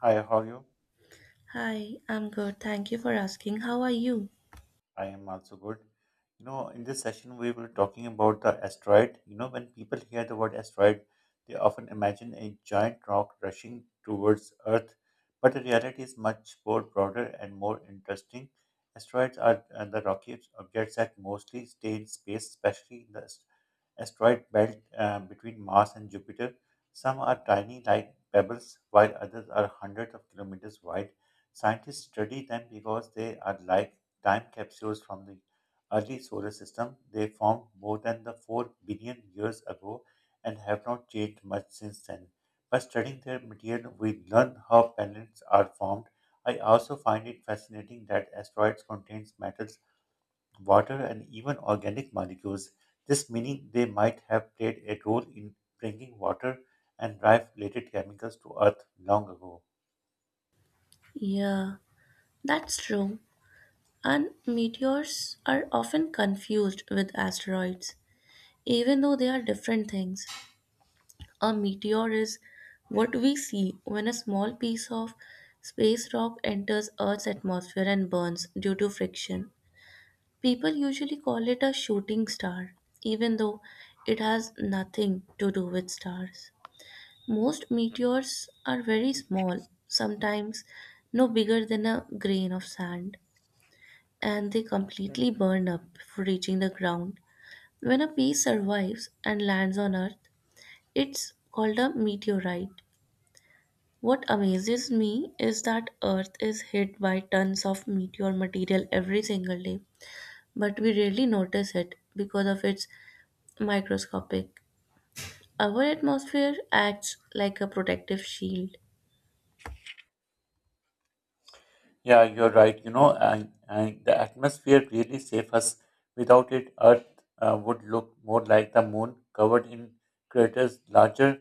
Hi, how are you? Hi, I'm good. Thank you for asking. How are you? I am also good. You know, in this session, we were talking about the asteroid. You know, when people hear the word asteroid, they often imagine a giant rock rushing towards Earth, but the reality is much more broader and more interesting. Asteroids are the rocky objects that mostly stay in space, especially in the asteroid belt between Mars and Jupiter. Some are tiny like pebbles, while others are hundreds of kilometers wide. Scientists study them because they are like time capsules from the early solar system. They formed more than the 4 billion years ago and have not changed much since then. By studying their material, we learn how planets are formed. I also find it fascinating that asteroids contain metals water, and even organic molecules. This meaning they might have played a role in bringing water and life-related chemicals to Earth long ago. Yeah, that's true. And meteors are often confused with asteroids, even though they are different things. A meteor is what we see when a small piece of space rock enters Earth's atmosphere and burns due to friction. People usually call it a shooting star, even though it has nothing to do with stars. Most meteors are very small, sometimes no bigger than a grain of sand, and they completely burn up before reaching the ground. When a piece survives and lands on Earth, it's called a meteorite. What amazes me is that Earth is hit by tons of meteor material every single day, but we rarely notice it because of its microscopic. Our atmosphere acts like a protective shield. Yeah, you're right. You know, and the atmosphere really saves us. Without it, Earth would look more like the moon, covered in craters larger.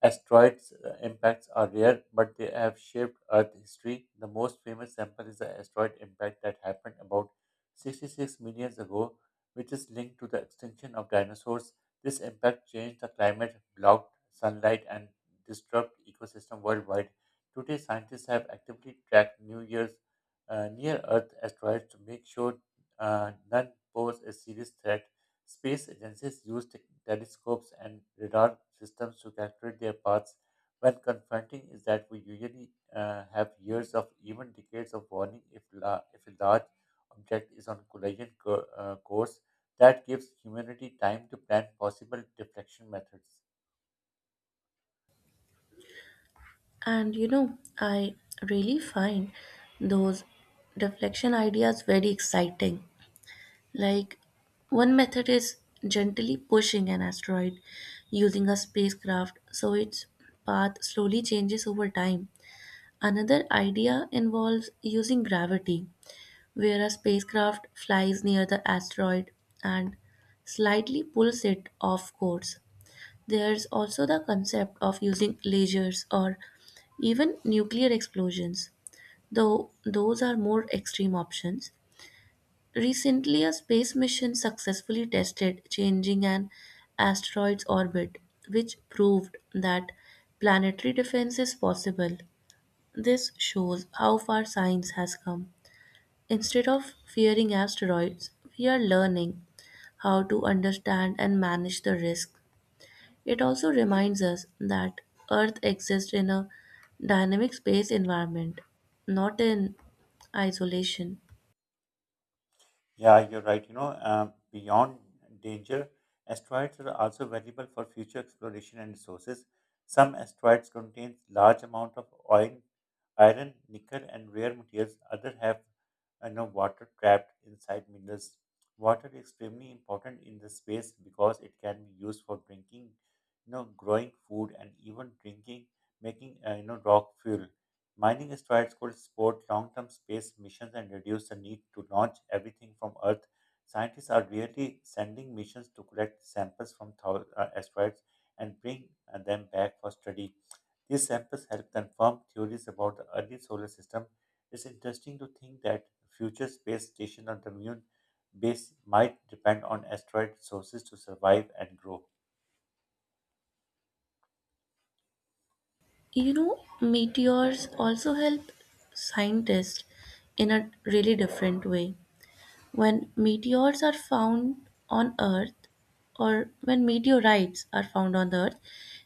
Asteroids impacts are rare, but they have shaped Earth history. The most famous sample is the asteroid impact that happened about 66 million ago, which is linked to the extinction of dinosaurs. This impact changed the climate, blocked sunlight, and disturbed ecosystem worldwide. Today, scientists have actively tracked New Year's near Earth asteroids to make sure none pose a serious threat. Space agencies used telescopes and radar systems to calculate their paths. When confronting is that we usually have years of even decades of warning if a large object is on collision course. That gives humanity time to plan possible deflection methods. And you know, I really find those deflection ideas very exciting. Like, one method is gently pushing an asteroid using a spacecraft so its path slowly changes over time. Another idea involves using gravity, where a spacecraft flies near the asteroid and slightly pulls it off course. There's also the concept of using lasers or even nuclear explosions, though those are more extreme options. Recently, a space mission successfully tested changing an asteroid's orbit, which proved that planetary defense is possible. This shows how far science has come. Instead of fearing asteroids, we are learning how to understand and manage the risk. It also reminds us that Earth exists in a dynamic space environment, not in isolation. Yeah, you're right. You know, beyond danger, asteroids are also valuable for future exploration and resources. Some asteroids contain large amount of oil, iron, nickel, and rare materials. Others have, you know, water trapped inside minerals. Water is extremely important in this space because it can be used for drinking, you know, growing food, and even drinking, making rock fuel. Mining asteroids could support long term space missions and reduce the need to launch everything from Earth. Scientists are really sending missions to collect samples from asteroids and bring them back for study. These samples help confirm theories about the early solar system. It's interesting to think that future space station on the moon base might depend on asteroid sources to survive and grow. You know, meteors also help scientists in a really different way. When meteors are found on Earth, or when meteorites are found on the Earth,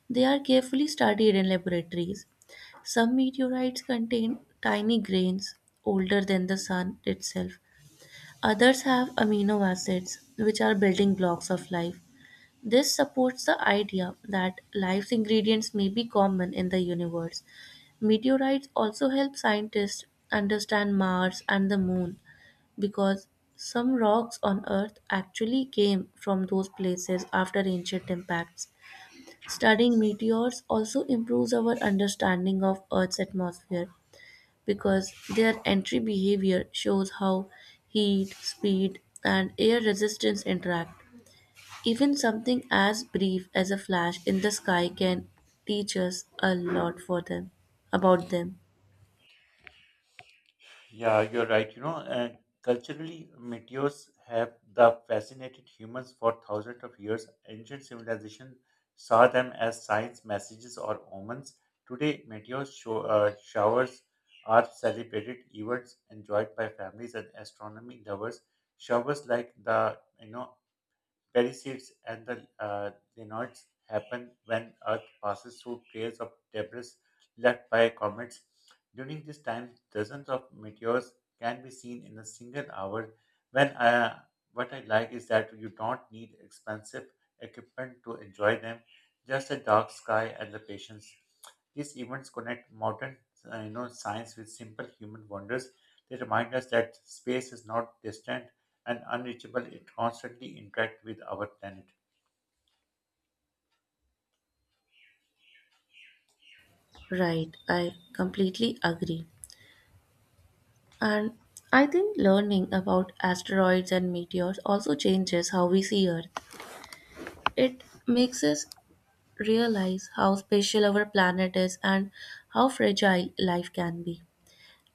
they are carefully studied in laboratories. Some meteorites contain tiny grains older than the sun itself. Others have amino acids, which are building blocks of life. This supports the idea that life's ingredients may be common in the universe. Meteorites also help scientists understand Mars and the moon because some rocks on Earth actually came from those places after ancient impacts. Studying meteors also improves our understanding of Earth's atmosphere because their entry behavior shows how heat, speed, and air resistance interact. Even something as brief as a flash in the sky can teach us a lot for them about them. Yeah, you're right. You know, and culturally, meteors have the fascinated humans for thousands of years. Ancient civilization saw them as signs, messages, or omens. Today, showers are celebrated events enjoyed by families and astronomy lovers. Showers like the, you know, Perishivs and the Linoids happen when Earth passes through trails of debris left by comets. During this time, dozens of meteors can be seen in a single hour. When what I like is that you don't need expensive equipment to enjoy them, just a dark sky and the patience. These events connect modern you know, science with simple human wonders. They remind us that space is not distant and unreachable, it constantly interact with our planet. Right, I completely agree. And I think learning about asteroids and meteors also changes how we see Earth. It makes us realize how special our planet is and how fragile life can be.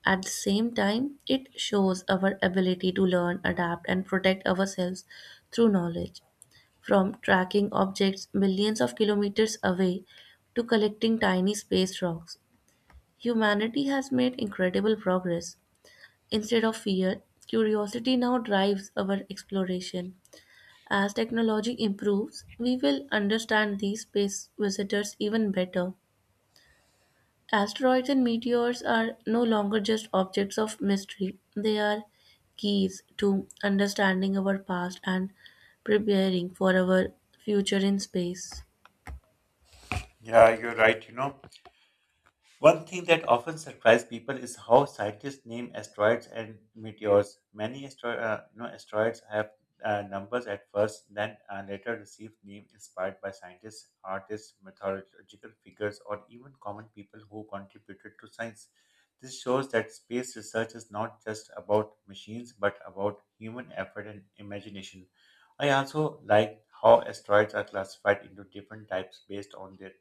At the same time, it shows our ability to learn, adapt, and protect ourselves through knowledge. From tracking objects millions of kilometers away to collecting tiny space rocks, humanity has made incredible progress. Instead of fear, curiosity now drives our exploration. As technology improves, we will understand these space visitors even better. Asteroids and meteors are no longer just objects of mystery; they are keys to understanding our past and preparing for our future in space. Yeah, you're right. You know, one thing that often surprises people is how scientists name asteroids and meteors. Many you know, asteroids have numbers at first, then later receive names inspired by scientists, artists, mythological figures, or even common people who contributed to science. This shows that space research is not just about machines, but about human effort and imagination. I also like how asteroids are classified into different types based on their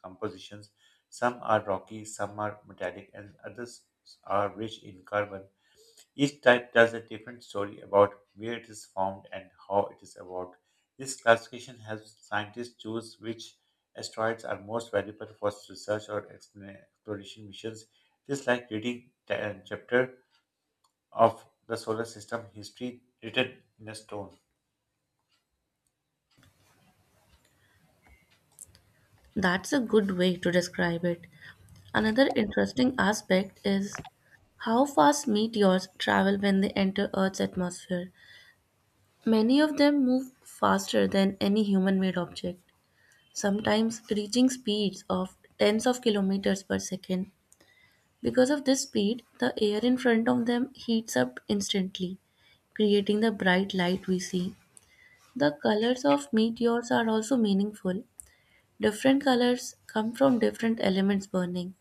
compositions. Some are rocky, some are metallic, and others are rich in carbon. Each type tells a different story about where it is found and how it is evolved. This classification helps scientists choose which asteroids are most valuable for research or exploration missions. Just like reading a chapter of the solar system history written in a stone. That's a good way to describe it. Another interesting aspect is how fast meteors travel when they enter Earth's atmosphere. Many of them move faster than any human made object, sometimes reaching speeds of tens of kilometers per second. Because of this speed, the air in front of them heats up instantly, creating the bright light we see. The colors of meteors are also meaningful. Different colors come from different elements burning,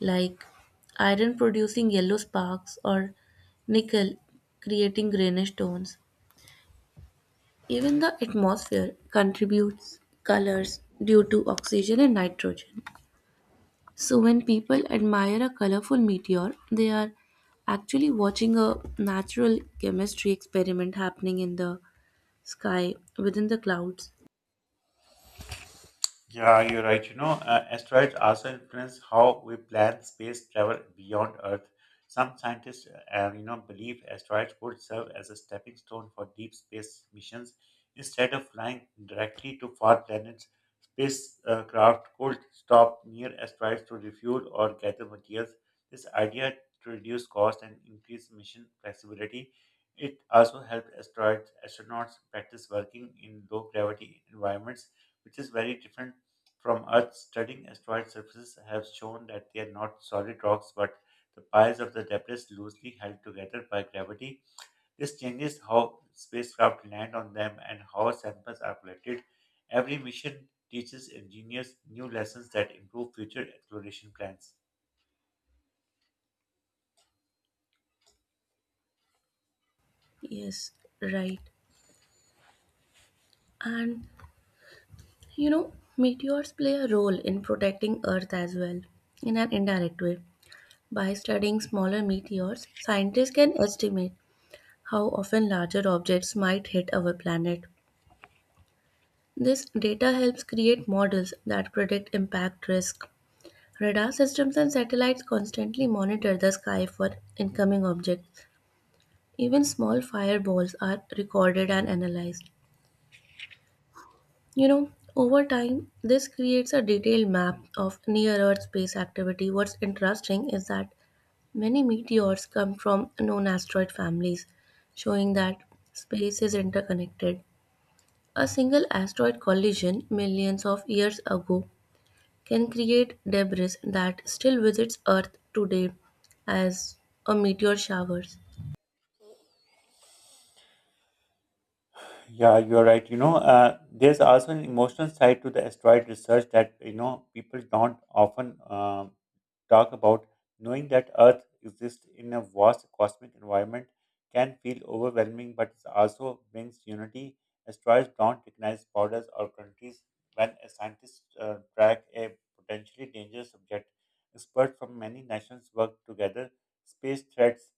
like iron producing yellow sparks or nickel creating greenish tones. Even the atmosphere contributes colors due to oxygen and nitrogen. So, when people admire a colorful meteor, they are actually watching a natural chemistry experiment happening in the sky within the clouds. Yeah, you're right. You know, asteroids also influence how we plan space travel beyond Earth. Some scientists, you know, believe asteroids could serve as a stepping stone for deep space missions. Instead of flying directly to far planets, spacecraft could stop near asteroids to refuel or gather materials. This idea to reduce cost and increase mission flexibility. It also helped asteroids astronauts practice working in low gravity environments which is very different from Earth, studying asteroid surfaces have shown that they are not solid rocks but the piles of the debris loosely held together by gravity. This changes how spacecraft land on them and how samples are collected. Every mission teaches engineers new lessons that improve future exploration plans. Yes, right. And you know, meteors play a role in protecting Earth as well, in an indirect way. By studying smaller meteors, scientists can estimate how often larger objects might hit our planet. This data helps create models that predict impact risk. Radar systems and satellites constantly monitor the sky for incoming objects. Even small fireballs are recorded and analyzed. You know, over time, this creates a detailed map of near Earth space activity. What's interesting is that many meteors come from known asteroid families, showing that space is interconnected. A single asteroid collision millions of years ago can create debris that still visits Earth today as a meteor showers. Yeah, you're right. You know, there's also an emotional side to the asteroid research that, you know, people don't often talk about, knowing that Earth exists in a vast cosmic environment can feel overwhelming, but it also brings unity. Asteroids don't recognize borders or countries. When a scientist track a potentially dangerous object, experts from many nations work together. Space threats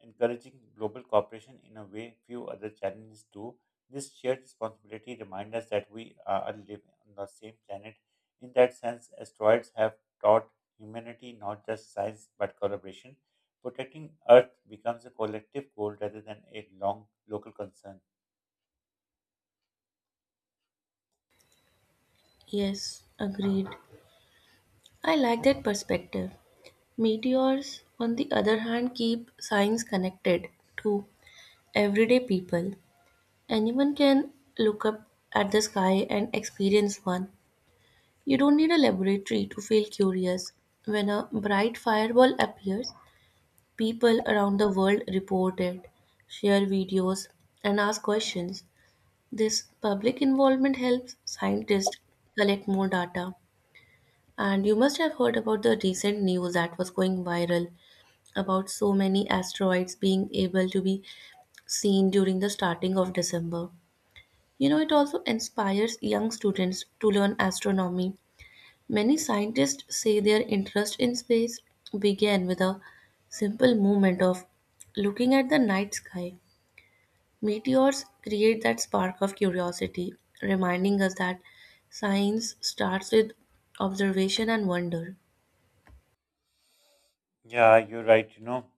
encouraging global cooperation in a way few other challenges do. This shared responsibility reminds us that we are living on the same planet. In that sense, asteroids have taught humanity not just science but collaboration. Protecting Earth becomes a collective goal rather than a long local concern. Yes, agreed. I like that perspective. Meteors, on the other hand, keep science connected to everyday people. Anyone can look up at the sky and experience one. You don't need a laboratory to feel curious. When a bright fireball appears, people around the world report it, share videos, and ask questions. This public involvement helps scientists collect more data. And you must have heard about the recent news that was going viral about so many asteroids being able to be seen during the starting of December. You know, it also inspires young students to learn astronomy. Many scientists say their interest in space began with a simple moment of looking at the night sky. Meteors create that spark of curiosity, reminding us that science starts with observation and wonder, Yeah, you're right. You know,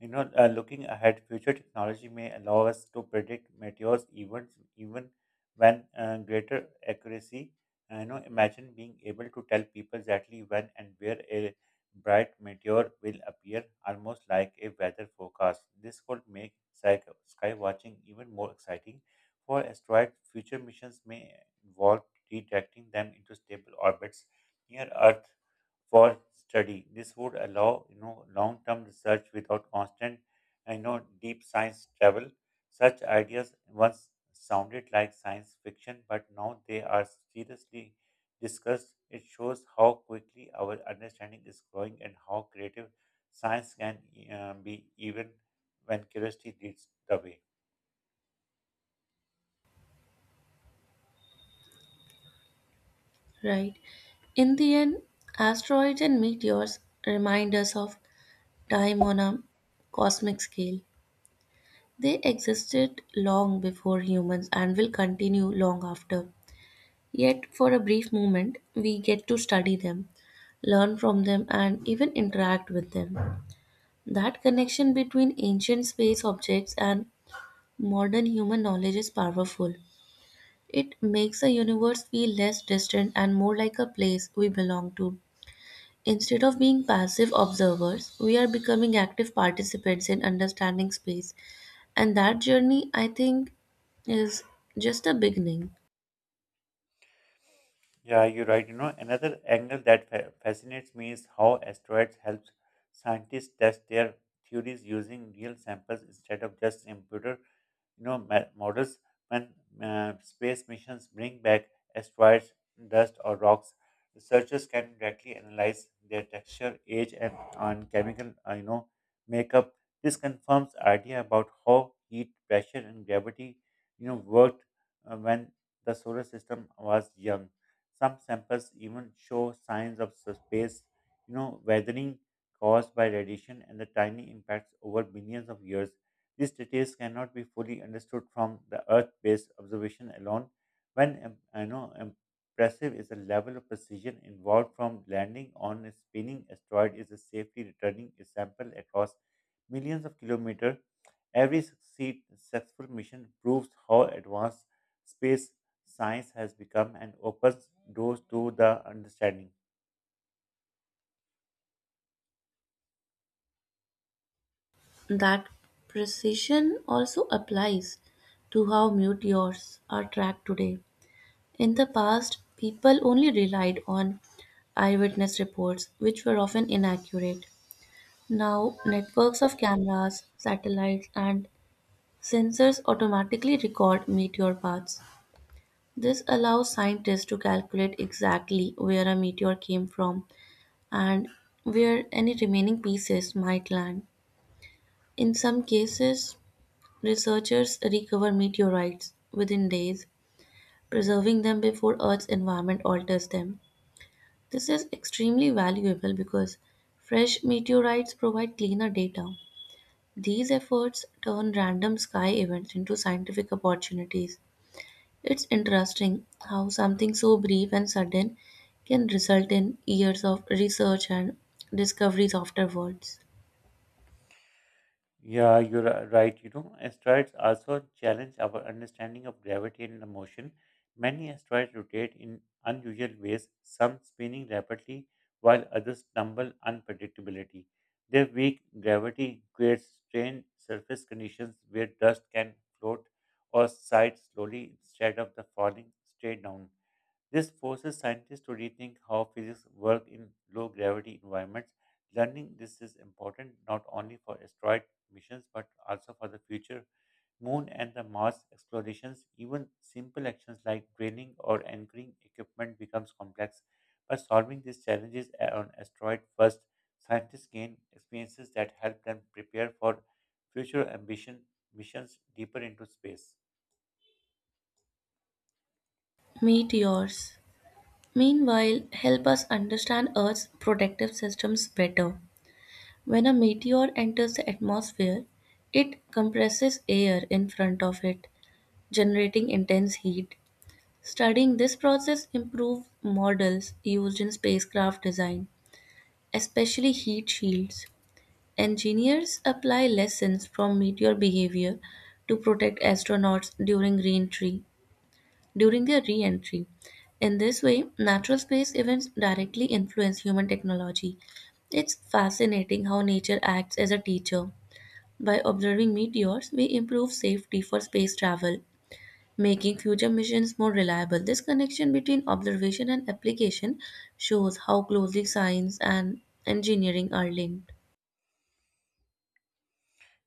You know, uh, looking ahead, future technology may allow us to predict meteors events even when greater accuracy. You know, imagine being able to tell people exactly when and where a bright meteor will appear, almost like a weather forecast. This could make sky watching even more exciting. For asteroids, future missions may involve redirecting them into stable orbits near Earth for study. This would allow, you know, long-term research without constant I know deep science travel. Such ideas once sounded like science fiction, but now they are seriously discussed. It shows how quickly our understanding is growing and how creative science can be, even when curiosity leads the way. right? In the end, asteroids and meteors remind us of time on a cosmic scale. They existed long before humans and will continue long after. Yet, for a brief moment, we get to study them, learn from them, and even interact with them. That connection between ancient space objects and modern human knowledge is powerful. It makes the universe feel less distant and more like a place we belong to. Instead of being passive observers, we are becoming active participants in understanding space. And that journey, I think, is just a beginning. Yeah, you're right. You know, another angle that fascinates me is how asteroids helps scientists test their theories using real samples instead of just computer, you know, models. When space missions bring back asteroids dust or rocks, researchers can directly analyze their texture, age, and on chemical, you know, makeup. This confirms idea about how heat, pressure, and gravity, you know, worked when the solar system was young. Some samples even show signs of space, you know, weathering caused by radiation and the tiny impacts over billions of years. These details cannot be fully understood from the Earth-based observation alone. When I know impressive is the level of precision involved from landing on a spinning asteroid is a safely returning a sample across millions of kilometers. Every successful mission proves how advanced space science has become and opens doors to the understanding. That precision also applies to how meteors are tracked today. In the past, people only relied on eyewitness reports, which were often inaccurate. Now, networks of cameras, satellites, and sensors automatically record meteor paths. This allows scientists to calculate exactly where a meteor came from and where any remaining pieces might land. In some cases, researchers recover meteorites within days, preserving them before Earth's environment alters them. This is extremely valuable because fresh meteorites provide cleaner data. These efforts turn random sky events into scientific opportunities. It's interesting how something so brief and sudden can result in years of research and discoveries afterwards. Yeah, you're right. You know, asteroids also challenge our understanding of gravity and the motion. Many asteroids rotate in unusual ways, some spinning rapidly, while others tumble unpredictability. Their weak gravity creates strained surface conditions where dust can float or side slowly instead of the falling straight down. This forces scientists to rethink how physics work in low gravity environments. Learning this is important not only for asteroid missions but also for the future moon and the Mars explorations. Even simple actions like training or anchoring equipment becomes complex. By solving these challenges on asteroid first, scientists gain experiences that help them prepare for future ambition missions deeper into space. Meteors, meanwhile, help us understand Earth's protective systems better. When a meteor enters the atmosphere, it compresses air in front of it, generating intense heat. Studying this process improved models used in spacecraft design, especially heat shields. Engineers apply lessons from meteor behavior to protect astronauts during reentry, during their re-entry. In this way, natural space events directly influence human technology. It's fascinating how nature acts as a teacher. By observing meteors, we improve safety for space travel, making future missions more reliable. This connection between observation and application shows how closely science and engineering are linked.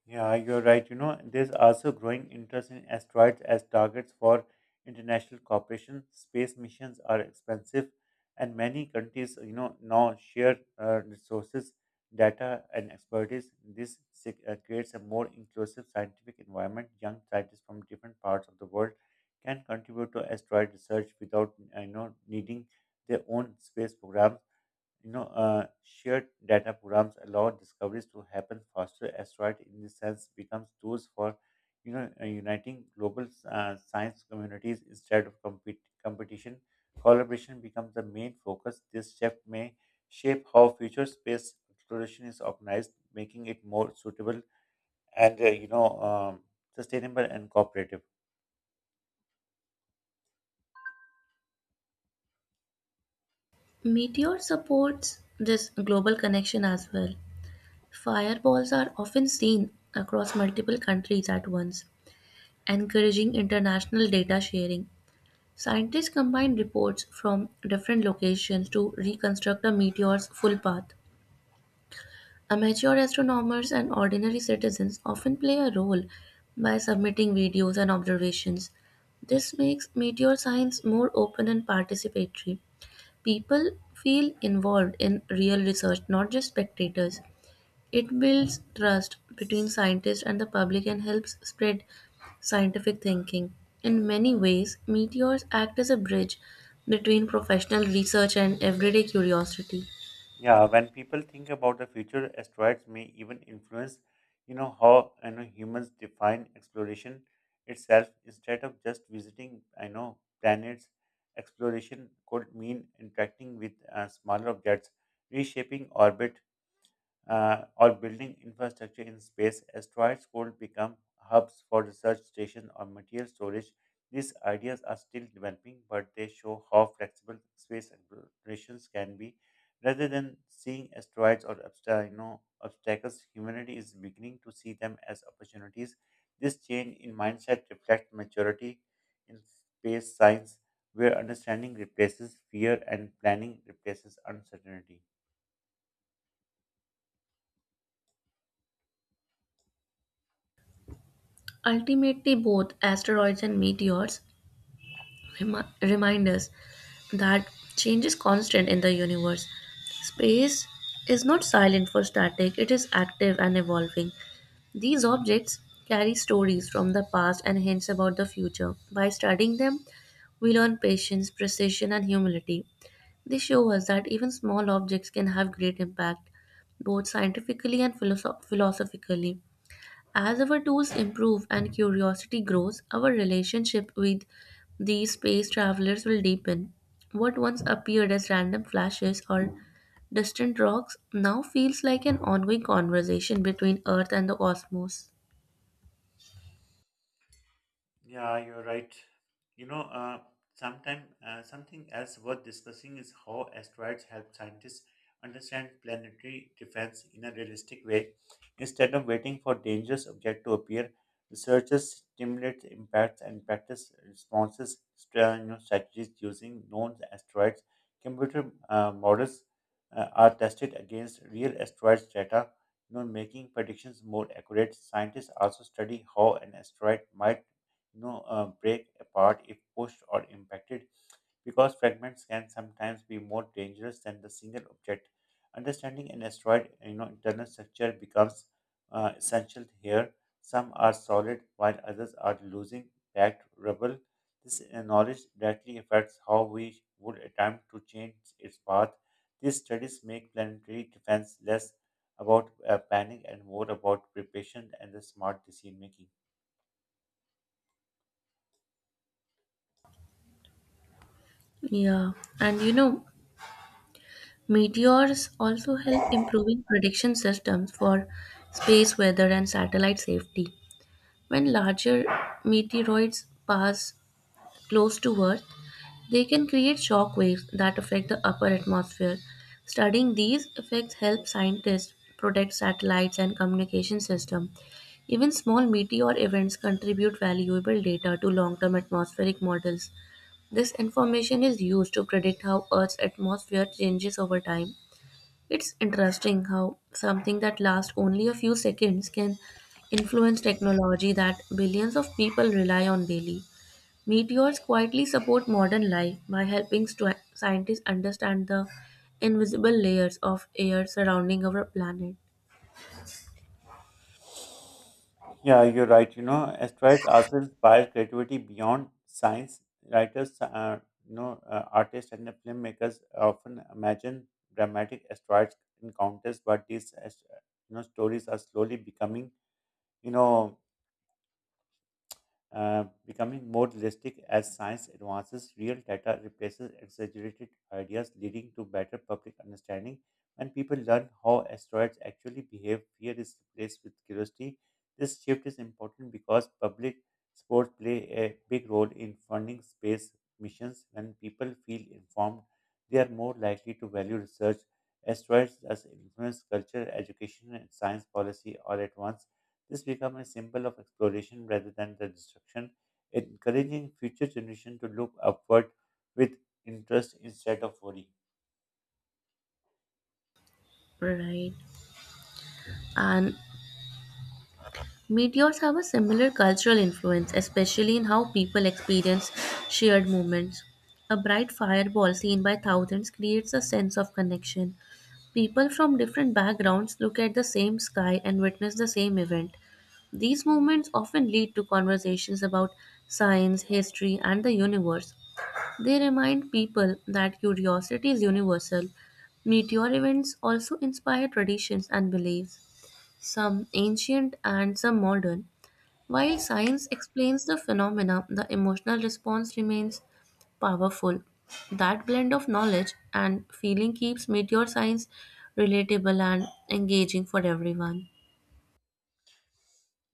Yeah, you're right. You know, there's also growing interest in asteroids as targets for international cooperation. Space missions are expensive, and many countries, you know, now share resources, data, and expertise. This creates a more inclusive scientific environment. Young scientists from different parts of the world can contribute to asteroid research without, you know, needing their own space programs. You know, shared data programs allow discoveries to happen faster. Asteroid, in this sense, becomes tools for, you know, uniting global science communities instead of competition. Collaboration becomes the main focus. This shift may shape how future space exploration is organized, making it more suitable and, sustainable and cooperative. Meteor supports this global connection as well. Fireballs are often seen across multiple countries at once, encouraging international data sharing. Scientists combine reports from different locations to reconstruct a meteor's full path. Amateur astronomers and ordinary citizens often play a role by submitting videos and observations. This makes meteor science more open and participatory. People feel involved in real research, not just spectators. It builds trust between scientists and the public and helps spread scientific thinking. In many ways, meteors act as a bridge between professional research and everyday curiosity. Yeah, when people think about the future, asteroids may even influence, you know, how I know humans define exploration itself. Instead of just visiting, I know planets, exploration could mean interacting with smaller objects, reshaping orbit, or building infrastructure in space, asteroids could become hubs for research stations or material storage. These ideas are still developing, but they show how flexible space explorations can be. Rather than seeing asteroids or you know, obstacles, humanity is beginning to see them as opportunities. This change in mindset reflects maturity in space science, where understanding replaces fear and planning replaces uncertainty. Ultimately, both asteroids and meteors remind us that change is constant in the universe. Space is not silent for static; it is active and evolving. These objects carry stories from the past and hints about the future. By studying them, we learn patience, precision, and humility. They show us that even small objects can have great impact, both scientifically and philosophically. As our tools improve and curiosity grows, our relationship with these space travelers will deepen. What once appeared as random flashes or distant rocks now feels like an ongoing conversation between Earth and the cosmos. Yeah, you're right. You know, uh, sometime something else worth discussing is how asteroids help scientists understand planetary defense in a realistic way. Instead of waiting for dangerous object to appear, researchers stimulate impacts and practice responses, strategies using known asteroids. Computer models are tested against real asteroids data, you know, making predictions more accurate. Scientists also study how an asteroid might break apart if pushed or impacted, because fragments can sometimes be more dangerous than the single object. Understanding an asteroid, you know, internal structure becomes essential here. Some are solid, while others are losing packed rubble. This knowledge directly affects how we would attempt to change its path. These studies make planetary defense less about planning and more about preparation and the smart decision making. Yeah, and you know, meteors also help improving prediction systems for space weather and satellite safety. When larger meteoroids pass close to Earth, they can create shock waves that affect the upper atmosphere. Studying these effects helps scientists protect satellites and communication systems. Even small meteor events contribute valuable data to long-term atmospheric models. This information is used to predict how Earth's atmosphere changes over time. It's interesting how something that lasts only a few seconds can influence technology that billions of people rely on daily. Meteors quietly support modern life by helping scientists understand the invisible layers of air surrounding our planet. Yeah, you're right. You know, asteroids also inspire creativity beyond science. Writers, artists and the filmmakers often imagine dramatic asteroids encounters, but these, stories are slowly you know, becoming more realistic as science advances. Real data replaces exaggerated ideas, leading to better public understanding. When people learn how asteroids actually behave, fear is replaced with curiosity. This shift is important because public sports play a big role in funding space missions. When people feel informed, they are more likely to value research. Asteroids thus influence culture, education, and science policy all at once. This becomes a symbol of exploration rather than the destruction, encouraging future generations to look upward with interest instead of worry. Right. And meteors have a similar cultural influence, especially in how people experience shared moments. A bright fireball seen by thousands creates a sense of connection. People from different backgrounds look at the same sky and witness the same event. These moments often lead to conversations about science, history, and the universe. They remind people that curiosity is universal. Meteor events also inspire traditions and beliefs, some ancient and some modern. While science explains the phenomena, the emotional response remains powerful. That blend of knowledge and feeling keeps meteor science relatable and engaging for everyone.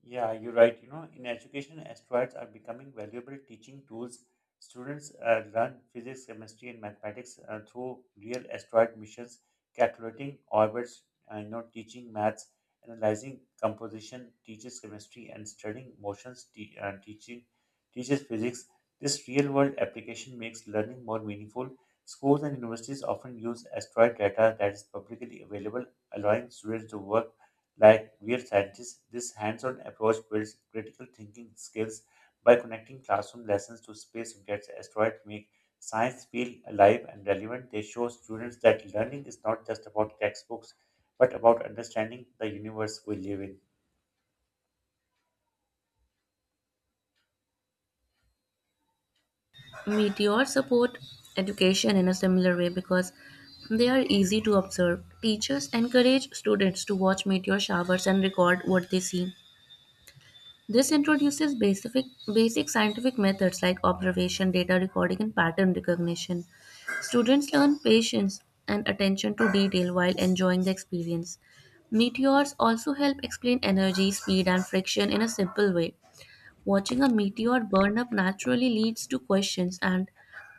Yeah, you're right. You know, in education, asteroids are becoming valuable teaching tools. Students learn physics, chemistry, and mathematics through real asteroid missions, calculating orbits, teaching maths, analyzing composition, teaches chemistry, and studying motions, te- teaching teaches physics. This real-world application makes learning more meaningful. Schools and universities often use asteroid data that is publicly available, allowing students to work like we are scientists, this hands-on approach builds critical thinking skills by connecting classroom lessons to space objects. Asteroids make science feel alive and relevant. They show students that learning is not just about textbooks, but about understanding the universe we live in. Meteors support education in a similar way because they are easy to observe. Teachers encourage students to watch meteor showers and record what they see. This introduces basic scientific methods like observation, data recording, and pattern recognition. Students learn patience and attention to detail while enjoying the experience. Meteors also help explain energy, speed, and friction in a simple way. Watching a meteor burn up naturally leads to questions, and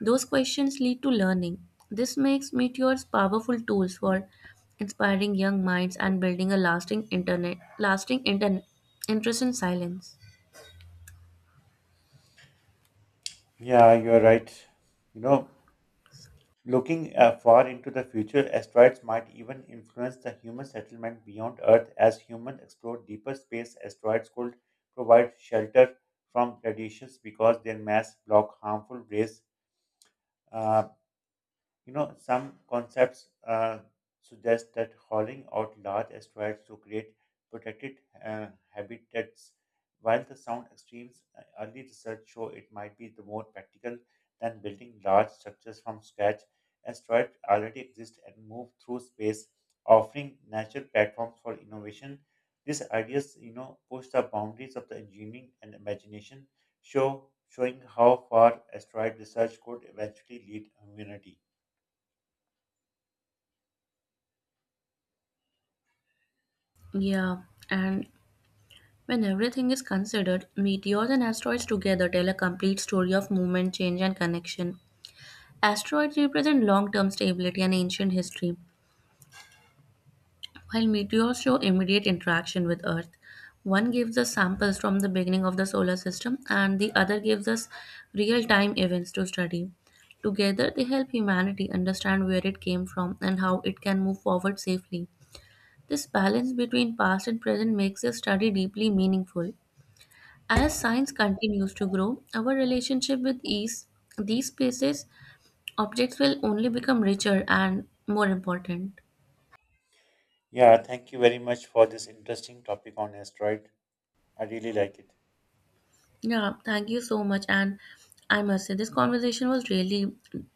those questions lead to learning. This makes meteors powerful tools for inspiring young minds and building a lasting internet interest in silence. Yeah, you're right. You know, Looking far into the future, asteroids might even influence the human settlement beyond Earth as humans explore deeper space. Asteroids could provide shelter from radiations because their mass block harmful rays. Uh, some concepts suggest that hauling out large asteroids to create protected habitats. While the sound extremes, early research show it might be the more practical than building large structures from scratch. Asteroids already exist and move through space, offering natural platforms for innovation. These ideas, you know, push the boundaries of the engineering and imagination, showing how far asteroid research could eventually lead humanity. Yeah, and when everything is considered, meteors and asteroids together tell a complete story of movement, change, and connection. Asteroids represent long term stability and ancient history, while meteors show immediate interaction with Earth. One gives us samples from the beginning of the solar system, and the other gives us real time events to study. Together, they help humanity understand where it came from and how it can move forward safely. This balance between past and present makes this study deeply meaningful. As science continues to grow, our relationship with these places, objects will only become richer and more important. Yeah, thank you very much for this interesting topic on asteroid. I really like it. Yeah, thank you so much. And I must say, this conversation was really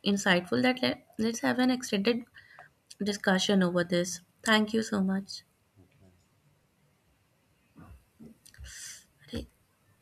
insightful. That Let's have an extended discussion over this. Thank you so much. Thank you.